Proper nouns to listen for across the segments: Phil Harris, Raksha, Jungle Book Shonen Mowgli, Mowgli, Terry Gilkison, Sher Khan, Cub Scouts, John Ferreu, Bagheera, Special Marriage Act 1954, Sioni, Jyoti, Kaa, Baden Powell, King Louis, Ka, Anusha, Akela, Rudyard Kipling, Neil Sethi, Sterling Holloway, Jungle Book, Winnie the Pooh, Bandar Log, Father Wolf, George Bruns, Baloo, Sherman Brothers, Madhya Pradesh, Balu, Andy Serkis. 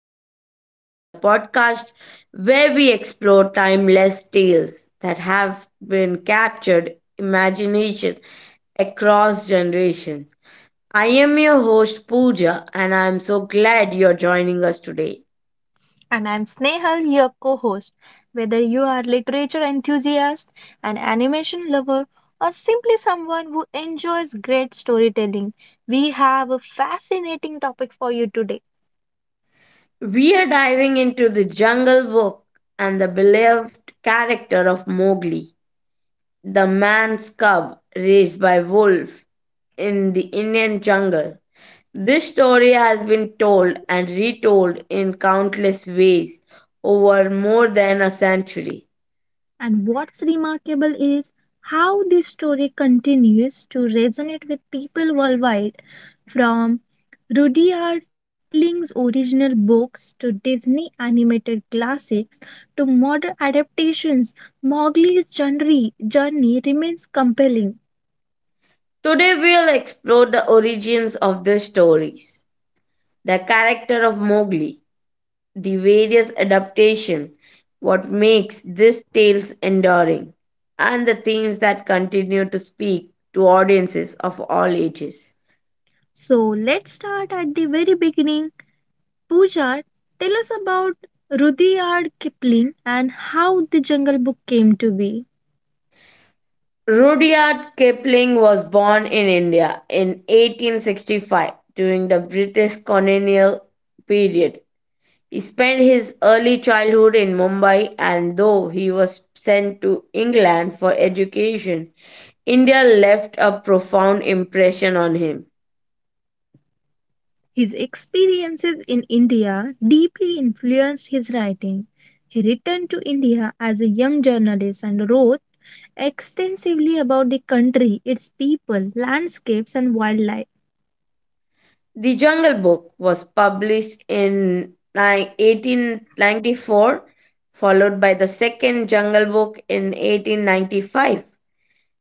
and Legends, the podcast where we explore timeless tales that have been captured imagination across generations. I am your host, Pooja, and I am so glad you're joining us today. And I'm Snehal, your co host. Whether you are literature enthusiast, an animation lover, or simply someone who enjoys great storytelling, we have a fascinating topic for you today. We are diving into the Jungle Book and the beloved character of Mowgli. The man's cub raised by wolf in the Indian jungle. This story has been told and retold in countless ways over more than a century. And what's remarkable is how this story continues to resonate with people worldwide, from Rudyard Kipling's original books to Disney animated classics to modern adaptations. Mowgli's journey remains compelling. Today we'll explore the origins of these stories, the character of Mowgli, the various adaptations, what makes these tales enduring, and the themes that continue to speak to audiences of all ages. So let's start at the very beginning. Pooja, tell us about Rudyard Kipling and how the Jungle Book came to be. Rudyard Kipling was born in India in 1865 during the British colonial period. He spent his early childhood in Mumbai and though he was sent to England for education, India left a profound impression on him. His experiences in India deeply influenced his writing. He returned to India as a young journalist and wrote extensively about the country, its people, landscapes, and wildlife. The Jungle Book was published in 1894, followed by the second Jungle Book in 1895.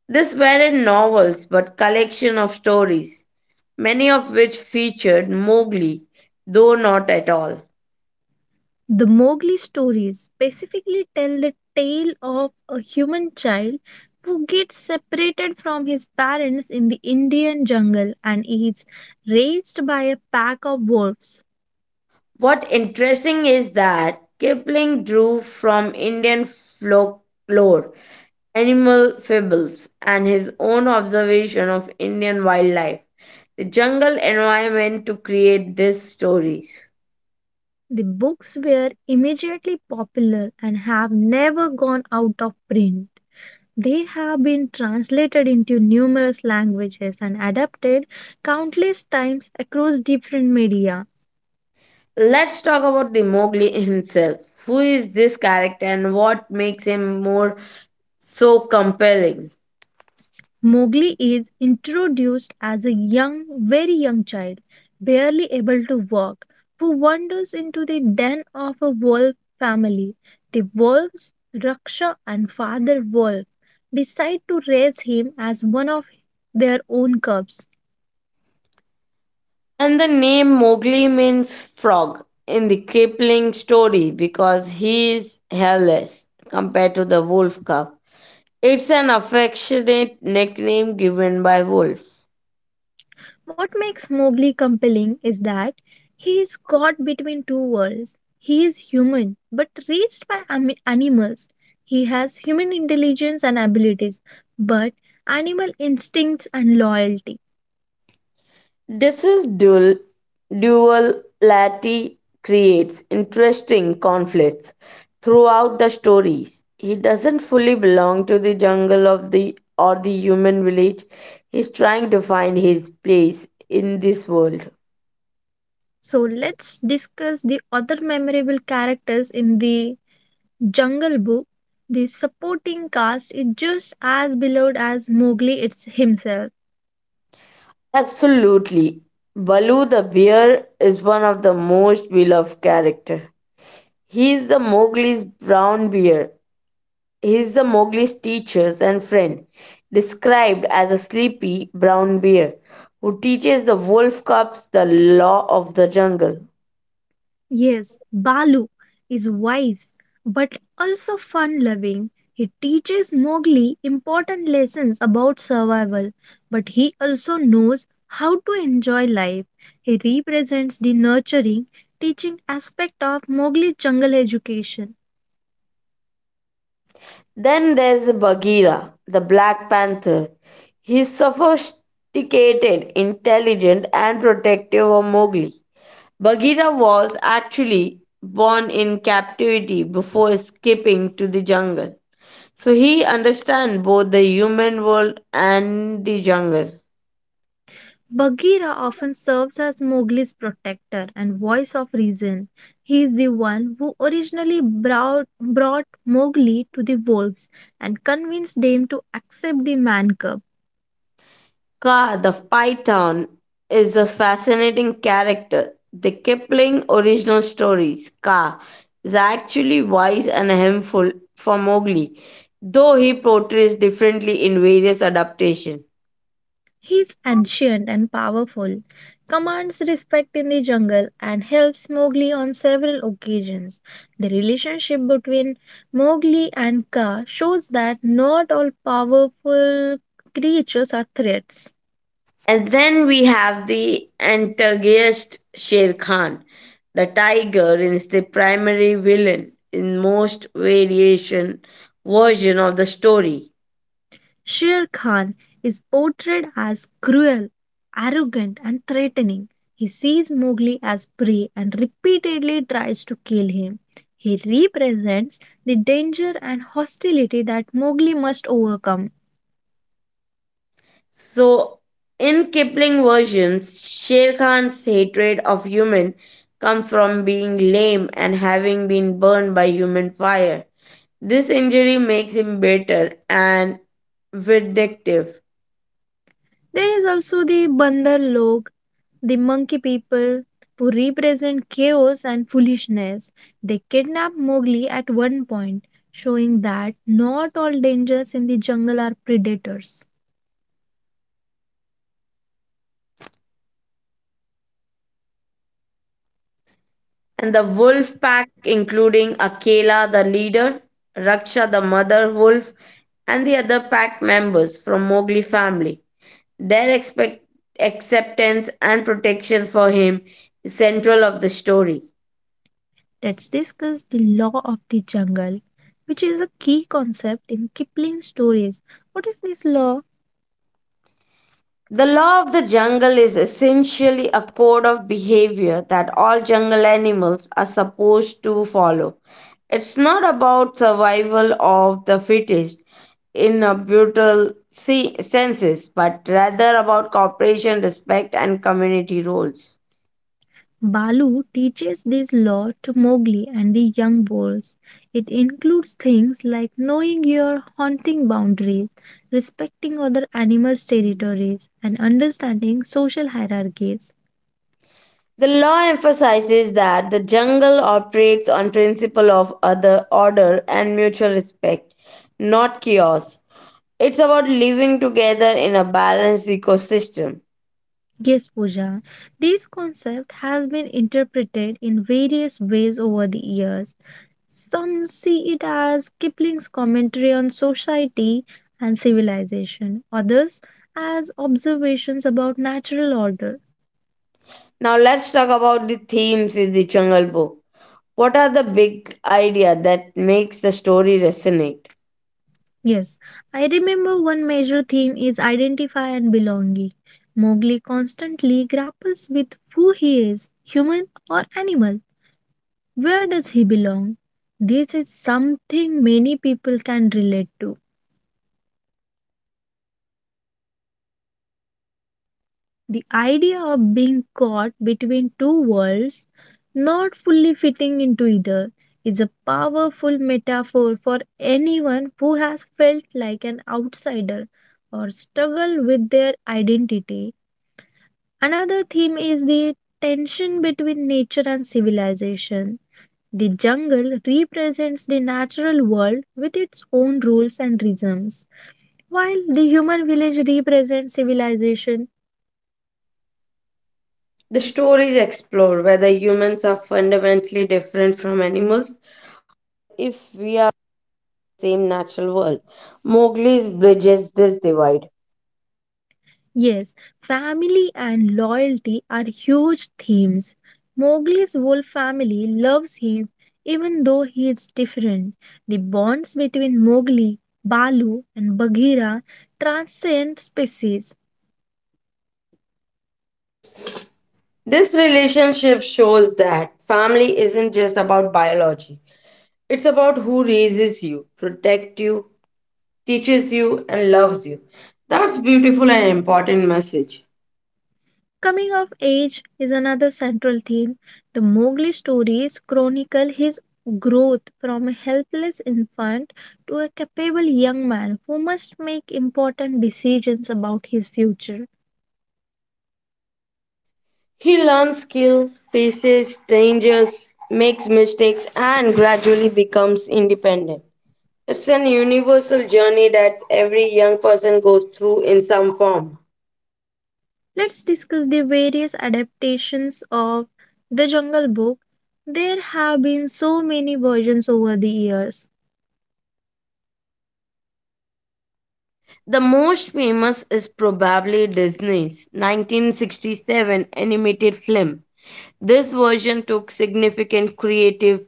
These weren't novels but collection of stories, many of which featured Mowgli, though not at all. The Mowgli stories specifically tell the tale of a human child who gets separated from his parents in the Indian jungle and is raised by a pack of wolves. What interesting is that Kipling drew from Indian folklore, animal fables, and his own observation of Indian wildlife, the jungle environment to create these stories. The books were immediately popular and have never gone out of print. They have been translated into numerous languages and adapted countless times across different media. Let's talk about the Mowgli himself. Who is this character and what makes him more so compelling? Mowgli is introduced as a young, very young child, barely able to walk, who wanders into the den of a wolf family. The wolves, Raksha and Father Wolf, decide to raise him as one of their own cubs. And the name Mowgli means frog in the Kipling story because he is hairless compared to the wolf cub. It's an affectionate nickname given by Wolf. What makes Mowgli compelling is that he is caught between two worlds. He is human, but raised by animals. He has human intelligence and abilities, but animal instincts and loyalty. This is dual duality creates interesting conflicts throughout the stories. He doesn't fully belong to the jungle of the or the human village. He's trying to find his place in this world. So let's discuss the other memorable characters in the Jungle Book. The supporting cast is just as beloved as Mowgli it's himself. Absolutely. Baloo the bear is one of the most beloved character. He is the Mowgli's brown bear. He is the Mowgli's teacher and friend, described as a sleepy brown bear who teaches the wolf cubs the law of the jungle. Yes, Balu is wise but also fun loving. He teaches Mowgli important lessons about survival, but he also knows how to enjoy life. He represents the nurturing, teaching aspect of Mowgli's jungle education. Then there's Bagheera, the Black Panther. He's sophisticated, intelligent, and protective of Mowgli. Bagheera was actually born in captivity before escaping to the jungle. So he understands both the human world and the jungle. Bagheera often serves as Mowgli's protector and voice of reason. He is the one who originally brought Mowgli to the wolves and convinced them to accept the man cub. Ka the Python is a fascinating character. The Kipling original stories, Ka, is actually wise and helpful for Mowgli, though he portrays differently in various adaptations. He is ancient and powerful, commands respect in the jungle, and helps Mowgli on several occasions. The relationship between Mowgli and Kaa shows that not all powerful creatures are threats. And then we have the antagonist Sher Khan. The tiger is the primary villain in most variation version of the story. Sher Khan is portrayed as cruel, arrogant, and threatening. He sees Mowgli as prey and repeatedly tries to kill him. He represents the danger and hostility that Mowgli must overcome. So in Kipling versions, Sher Khan's hatred of human comes from being lame and having been burned by human fire. This injury makes him bitter and vindictive. There is also the Bandar Log, the monkey people, who represent chaos and foolishness. They kidnap Mowgli at one point, showing that not all dangers in the jungle are predators. And the wolf pack, including Akela, the leader, Raksha, the mother wolf, and the other pack members from Mowgli family. Their acceptance and protection for him is central of the story. Let's discuss the law of the jungle, which is a key concept in Kipling's stories. What is this law? The law of the jungle is essentially a code of behavior that all jungle animals are supposed to follow. It's not about survival of the fittest in a brutal senses, but rather about cooperation, respect, and community roles. Balu teaches this law to Mowgli and the young boys. It includes things like knowing your haunting boundaries, respecting other animals' territories, and understanding social hierarchies. The law emphasizes that the jungle operates on principle of other order and mutual respect, not chaos. It's about living together in a balanced ecosystem. Yes, Pooja, this concept has been interpreted in various ways over the years. Some see it as Kipling's commentary on society and civilization, others as observations about natural order. Now let's talk about the themes in the Jungle Book. What are the big idea that makes the story resonate? Yes, I remember one major theme is identify and belonging. Mowgli constantly grapples with who he is, human or animal. Where does he belong? This is something many people can relate to. The idea of being caught between two worlds, not fully fitting into either, is a powerful metaphor for anyone who has felt like an outsider or struggled with their identity. Another theme is the tension between nature and civilization. The jungle represents the natural world with its own rules and rhythms, while the human village represents civilization. The stories explore whether humans are fundamentally different from animals if we are the same natural world. Mowgli bridges this divide. Yes, family and loyalty are huge themes. Mowgli's whole family loves him even though he is different. The bonds between Mowgli, Balu, and Bagheera transcend species. This relationship shows that family isn't just about biology. It's about who raises you, protect you, teaches you and loves you. That's beautiful and important message. Coming of age is another central theme. The Mowgli stories chronicle his growth from a helpless infant to a capable young man who must make important decisions about his future. He learns skill, faces strangers, makes mistakes and gradually becomes independent. It's an universal journey that every young person goes through in some form. Let's discuss the various adaptations of The Jungle Book. There have been so many versions over the years. The most famous is probably Disney's 1967 animated film. This version took significant creative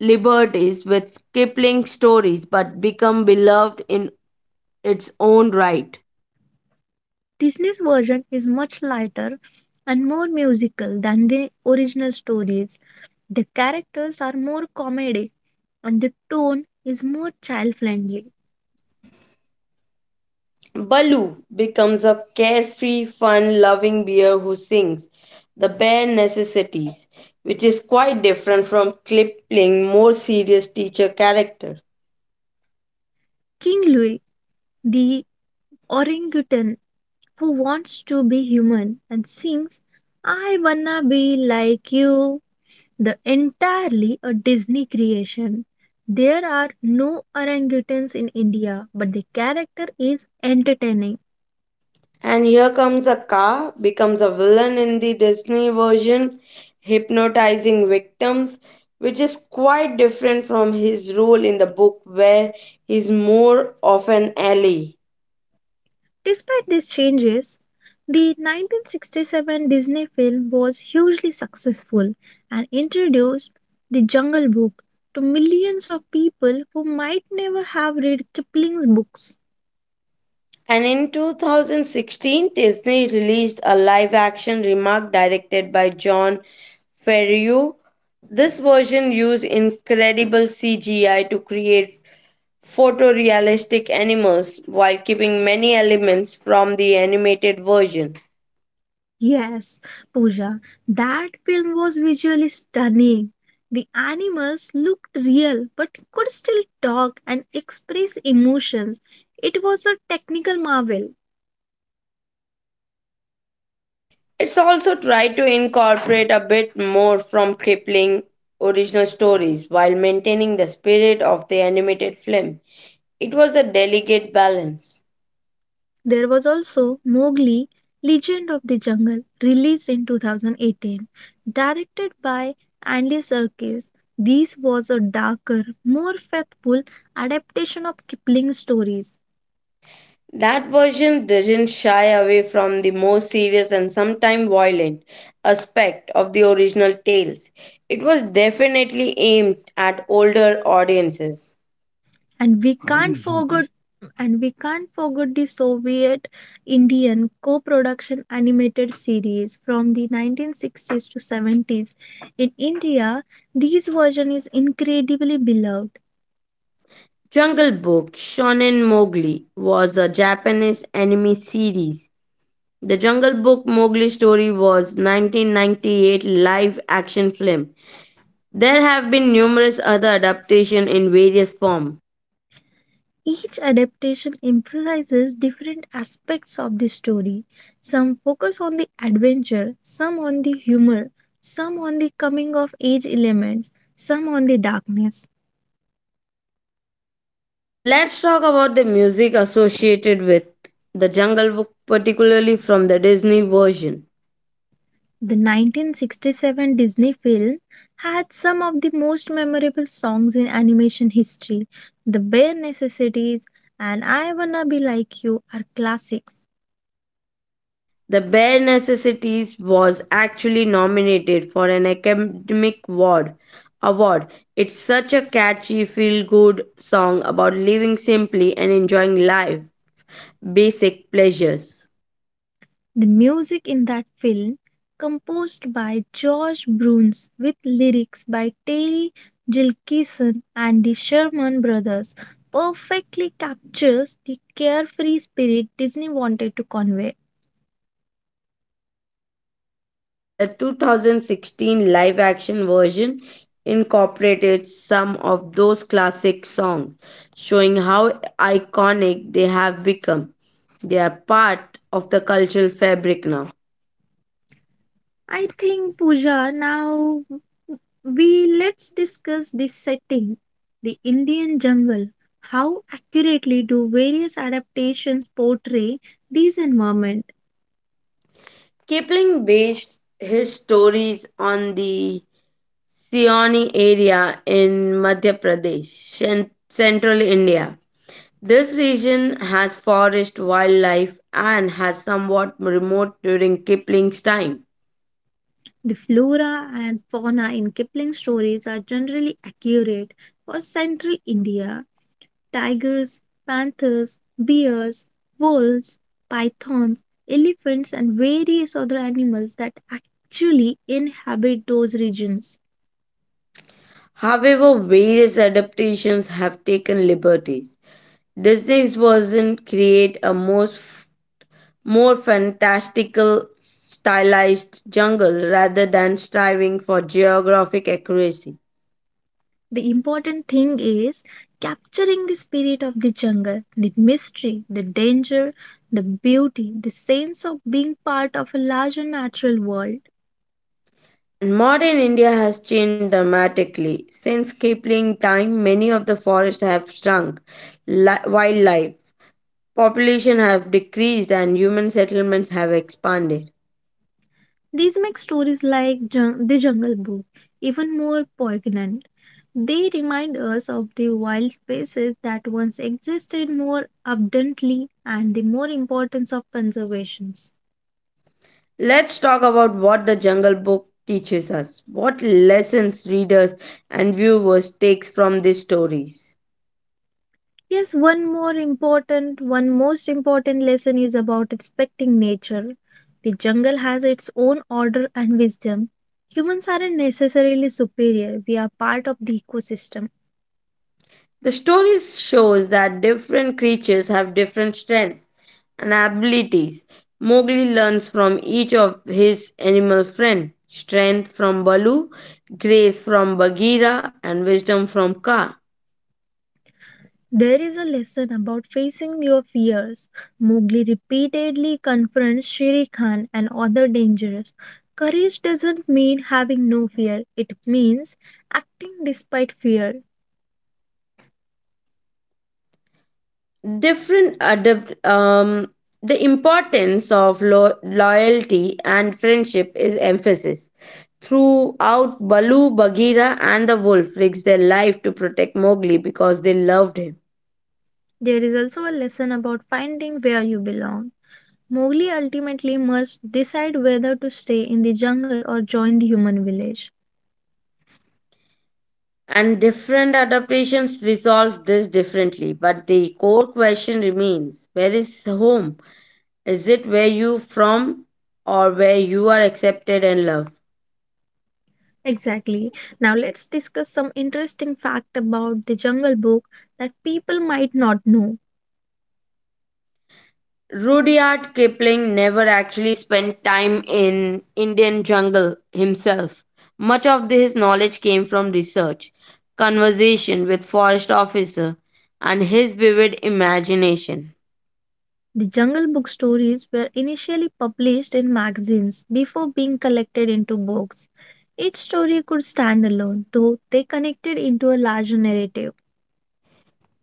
liberties with Kipling's stories but became beloved in its own right. Disney's version is much lighter and more musical than the original stories. The characters are more comedic and the tone is more child friendly. Baloo becomes a carefree, fun loving bear who sings the bare necessities, which is quite different from Kipling's more serious teacher character. King Louis, the orangutan who wants to be human and sings, I wanna be like you the entirely a Disney creation. There are no orangutans in India, but the character is entertaining. And here comes a car, becomes a villain in the Disney version, hypnotizing victims, which is quite different from his role in the book, where he's more of an ally. Despite these changes, the 1967 Disney film was hugely successful and introduced The Jungle Book to millions of people who might never have read Kipling's books. And in 2016, Disney released a live action remark directed by John Ferreu. This version used incredible CGI to create photorealistic animals while keeping many elements from the animated version. Yes, Pooja, that film was visually stunning. The animals looked real but could still talk and express emotions. It was a technical marvel. It's also tried to incorporate a bit more from Kipling original stories while maintaining the spirit of the animated film. It was a delicate balance. There was also Mowgli, Legend of the Jungle, released in 2018, directed by Andy Serkis. This was a darker, more faithful adaptation of Kipling's stories. That version didn't shy away from the more serious and sometimes violent aspect of the original tales. It was definitely aimed at older audiences. And we Oh can't forget and we can't forget the soviet indian co-production animated series from the 1960s to 70s in india these version is incredibly beloved. Jungle Book Shonen Mowgli was a Japanese anime series. The Jungle Book Mowgli story was 1998 live action film. There have been numerous other adaptations in various forms. Each adaptation emphasizes different aspects of the story, some focus on the adventure, some on the humor, some on the coming of age elements, some on the darkness. Let's talk about the music associated with The Jungle Book particularly from the Disney version. The 1967 Disney film had some of the most memorable songs in animation history. The Bare Necessities and I Wanna Be Like You are classics. The Bare Necessities was actually nominated for an Academic Award. It's such a catchy, feel-good song about living simply and enjoying life, basic pleasures. The music in that film, composed by George Bruns with lyrics by Terry Gilkison and the Sherman Brothers, perfectly captures the carefree spirit Disney wanted to convey. The 2016 live-action version incorporated some of those classic songs, showing how iconic they have become. They are part of the cultural fabric now. I think, Pooja, now we let's discuss the setting, the Indian jungle. How accurately do various adaptations portray these environment? Kipling based his stories on the Sioni area in Madhya Pradesh and central India. This region has forest wildlife and has somewhat remote during Kipling's time. The flora and fauna in Kipling stories are generally accurate for central India. Tigers, panthers, bears, wolves, pythons, elephants, and various other animals that actually inhabit those regions. However, various adaptations have taken liberties. Disney's version create a most more fantastical stylized jungle rather than striving for geographic accuracy. The important thing is capturing the spirit of the jungle, the mystery, the danger, the beauty, the sense of being part of a larger natural world. Modern India has changed dramatically. Since Kipling time, many of the forests have shrunk. Wildlife population have decreased and human settlements have expanded. These make stories like The Jungle Book even more poignant. They remind us of the wild spaces that once existed more abundantly and the more importance of conservation. Let's talk about what the Jungle Book teaches us. What lessons readers and viewers takes from these stories? Yes, one most important lesson is about respecting nature. The jungle has its own order and wisdom. Humans aren't necessarily superior, we are part of the ecosystem. The story shows that different creatures have different strengths and abilities. Mowgli learns from each of his animal friends strength from Balu, grace from Bagheera, and wisdom from Ka. There is a lesson about facing your fears. Mowgli repeatedly confronts Shere Khan and other dangers. Courage doesn't mean having no fear, it means acting despite fear. Different the importance of loyalty and friendship is emphasis throughout, Balu, Bagheera, and the wolf risked their life to protect Mowgli because they loved him. There is also a lesson about finding where you belong. Mowgli ultimately must decide whether to stay in the jungle or join the human village. And different adaptations resolve this differently, but the core question remains where is home? Is it where you from or where you are accepted and loved? Exactly. Now let's discuss some interesting fact about the Jungle Book that people might not know. Rudyard Kipling never actually spent time in Indian jungle himself. Much of his knowledge came from research, conversation with forest officer, and his vivid imagination. The Jungle Book stories were initially published in magazines before being collected into books. Each story could stand alone, though they connected into a larger narrative.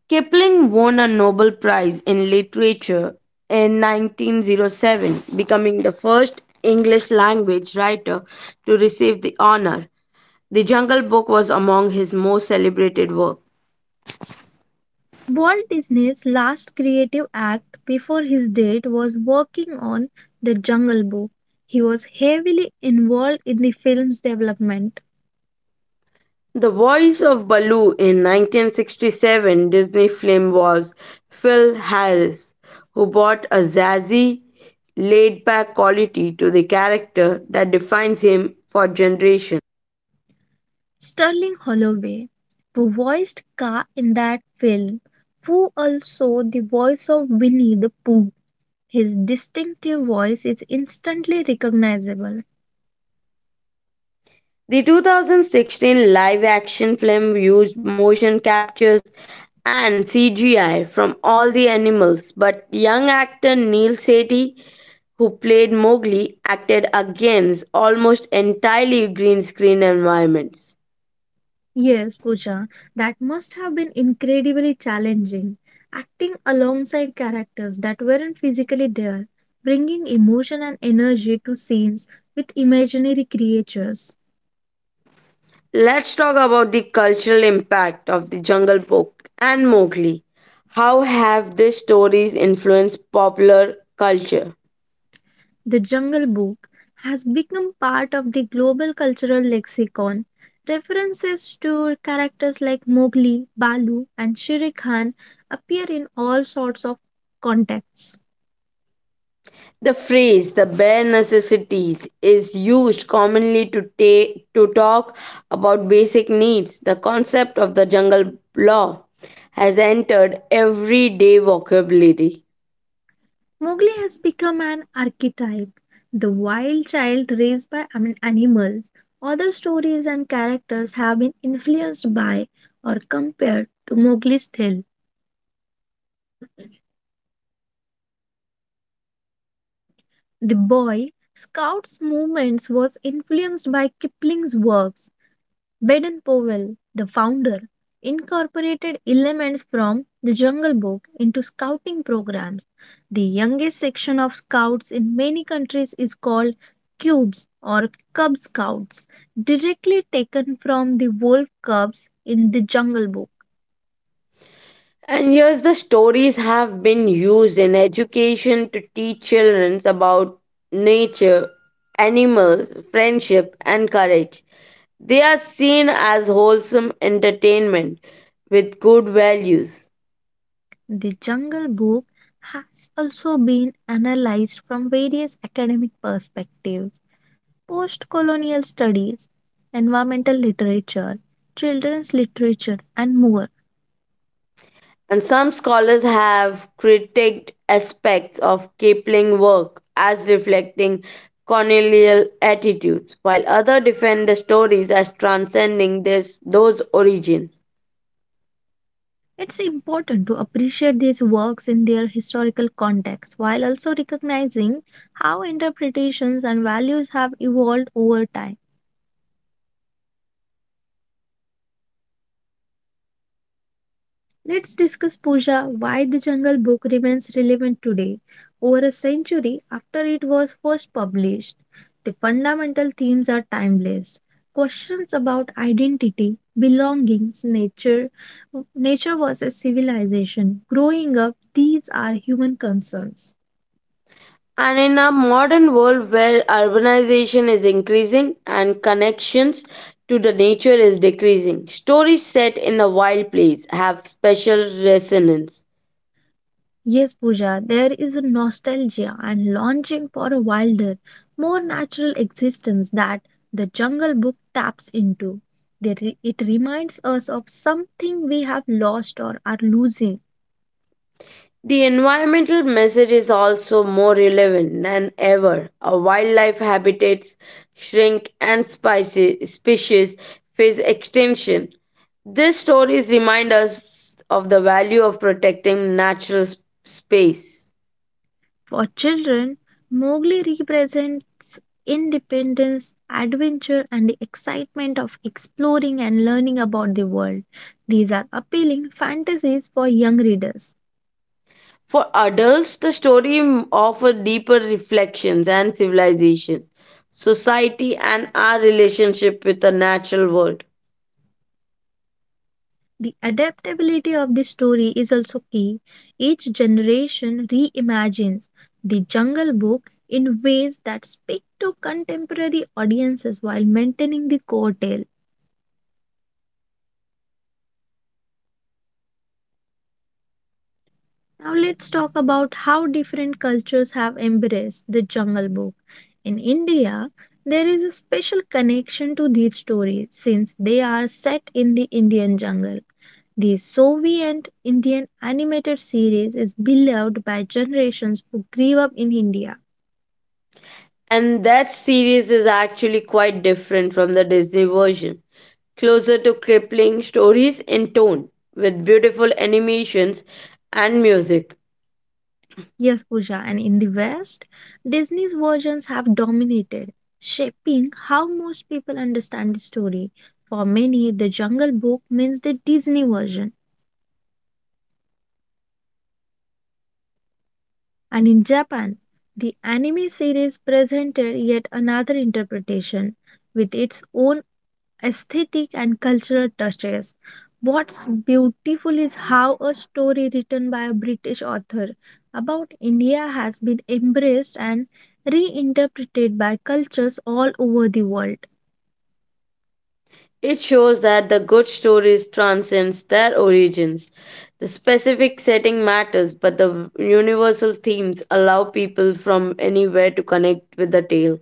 Kipling won a Nobel Prize in Literature in 1907, becoming the first English language writer to receive the honor. The Jungle Book was among his most celebrated works. Walt Disney's last creative act before his death was working on The Jungle Book. He was heavily involved in the film's development. The voice of Baloo in 1967 Disney film was Phil Harris, who brought a zazzy, laid back quality to the character that defines him for generations. Sterling Holloway, who voiced Ka in that film, who also the voice of Winnie the Pooh. His distinctive voice is instantly recognizable. The 2016 live action film used motion captures and CGI from all the animals, but young actor Neil Sethi, who played Mowgli, acted against almost entirely green screen environments. Yes, Pooja, that must have been incredibly challenging. Acting alongside characters that weren't physically there, bringing emotion and energy to scenes with imaginary creatures. Let's talk about the cultural impact of the Jungle Book and Mowgli. How have these stories influenced popular culture? The Jungle Book has become part of the global cultural lexicon. References to characters like Mowgli, Balu, and Shere Khan appear in all sorts of contexts. The phrase "the bare necessities" is used commonly to, to talk about basic needs. The concept of the jungle law has entered everyday vocabulary. Mowgli has become an archetype, the wild child raised by I animals. Other stories and characters have been influenced by or compared to Mowgli's tale. The boy scout's movements was influenced by Kipling's works. Baden Powell, the founder, incorporated elements from the Jungle Book into scouting programs. The youngest section of scouts in many countries is called Cubes or Cub Scouts, directly taken from the wolf cubs in the Jungle Book. And here's the stories have been used in education to teach children about nature, animals, friendship, and courage. They are seen as wholesome entertainment with good values. The Jungle Book has also been analyzed from various academic perspectives: post colonial studies, environmental literature, children's literature, and more. And some scholars have critiqued aspects of Kipling's work as reflecting colonial attitudes, while others defend the stories as transcending this, those origins. It's important to appreciate these works in their historical context while also recognizing how interpretations and values have evolved over time. Let's discuss Puja, why the Jungle Book remains relevant today, over a century after it was first published. The fundamental themes are timeless. Questions about identity, belongings, nature, nature versus civilization, growing up, these are human concerns. And in a modern world where urbanization is increasing and connections to the nature is decreasing, stories set in a wild place have special resonance. Yes, Pooja, there is a nostalgia and longing for a wilder, more natural existence that the Jungle Book taps into. It reminds us of something we have lost or are losing. The environmental message is also more relevant than ever. Our wildlife habitats shrink and species face extinction. These stories remind us of the value of protecting natural space. For children, Mowgli represents independence, adventure, and the excitement of exploring and learning about the world. These are appealing fantasies for young readers. For adults, the story offers deeper reflections and civilization, society, and our relationship with the natural world. The adaptability of the story is also key. Each generation reimagines the Jungle Book in ways that speak to contemporary audiences while maintaining the core tale. Now let's talk about how different cultures have embraced the Jungle Book. In India, there is a special connection to these stories since they are set in the Indian jungle. The Soviet Indian animated series is beloved by generations who grew up in India. And that series is actually quite different from the Disney version, closer to crippling stories in tone, with beautiful animations and music. Yes, Pooja, and in the West, Disney's versions have dominated, shaping how most people understand the story. For many, the Jungle Book means the Disney version. And in Japan, the anime series presented yet another interpretation with its own aesthetic and cultural touches. What's beautiful is how a story written by a British author about India has been embraced and reinterpreted by cultures all over the world. It shows that the good stories transcends their origins. The specific setting matters, but the universal themes allow people from anywhere to connect with the tale.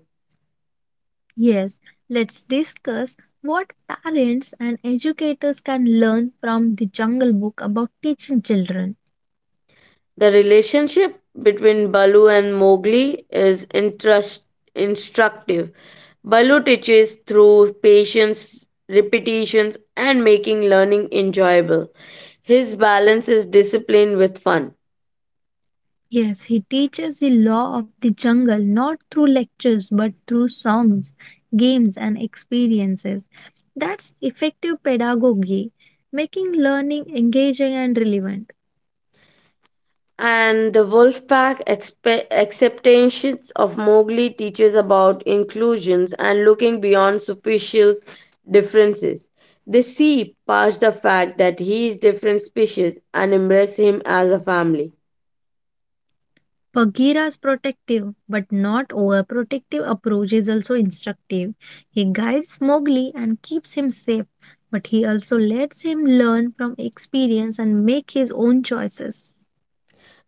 Yes, let's discuss what parents and educators can learn from the Jungle Book about teaching children. The relationship between Balu and Mowgli is instructive. Balu teaches through patience, repetitions, and making learning enjoyable. His balance is discipline with fun. Yes, he teaches the law of the jungle not through lectures but through songs, games, and experiences. That's effective pedagogy, making learning engaging and relevant. And the wolf pack acceptations of Mowgli teaches about inclusions and looking beyond superficial differences. They see past the fact that he is different species and embrace him as a family. Bagheera's protective but not overprotective approach is also instructive. He guides Mowgli and keeps him safe, but he also lets him learn from experience and make his own choices.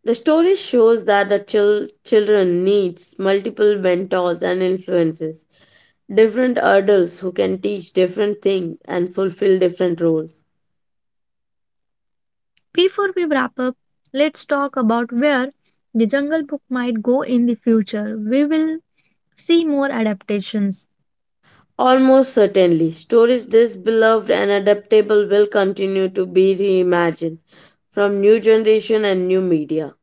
The story shows that the children needs multiple mentors and influences, different adults who can teach different things and fulfill different roles. Before we wrap up, let's talk about where the Jungle Book might go in the future. We will see more adaptations. Almost certainly, stories this beloved and adaptable will continue to be reimagined from new generation and new media.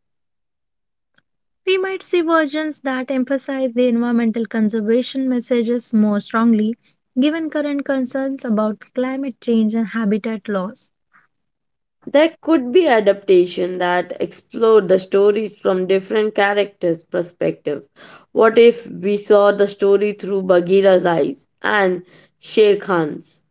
We might see versions that emphasize the environmental conservation messages more strongly, given current concerns about climate change and habitat loss. There could be adaptation that explored the stories from different characters' perspective. What if we saw the story through Bagheera's eyes and Sher Khan's?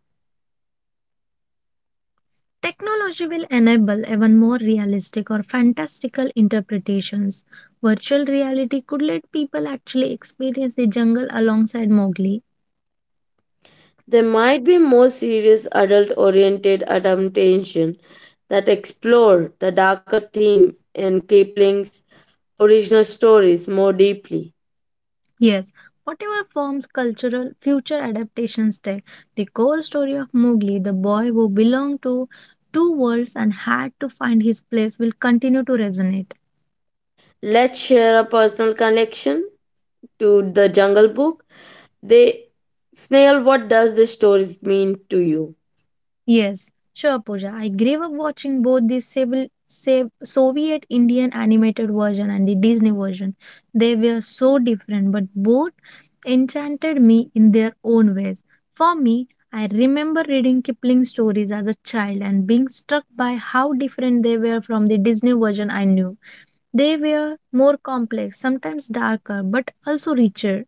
Technology will enable even more realistic or fantastical interpretations. Virtual reality could let people actually experience the jungle alongside Mowgli. There might be more serious adult-oriented adaptation that explore the darker theme in Kipling's original stories more deeply. Yes, whatever forms cultural future adaptations take, the core story of Mowgli, the boy who belonged to two worlds and had to find his place, will continue to resonate. Let's share a personal connection to the Jungle Book. They, Snail, what does this story mean to you? Yes, sure, Pooja. I grew up watching both the Soviet Indian animated version and the Disney version. They were so different, but both enchanted me in their own ways. For me, I remember reading Kipling's stories as a child and being struck by how different they were from the Disney version I knew. They were more complex, sometimes darker, but also richer.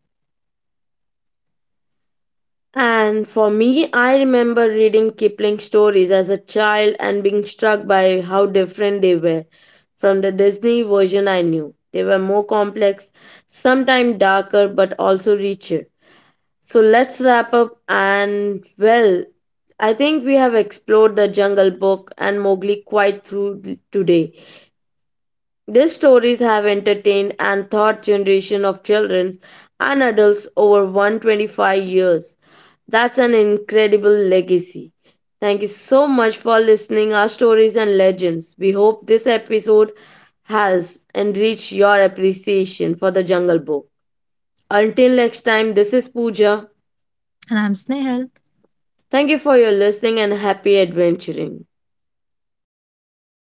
And for me, I remember reading Kipling stories as a child and being struck by how different they were from the Disney version I knew. They were more complex, sometimes darker, but also richer. So let's wrap up. And well, I think we have explored the Jungle Book and Mowgli quite through today. These stories have entertained and taught generation of children and adults over 125 years. That's an incredible legacy. Thank you so much for listening our stories and legends. We hope this episode has enriched your appreciation for the Jungle Book. Until next time, this is Pooja. And I'm Snehal. Thank you for your listening and happy adventuring.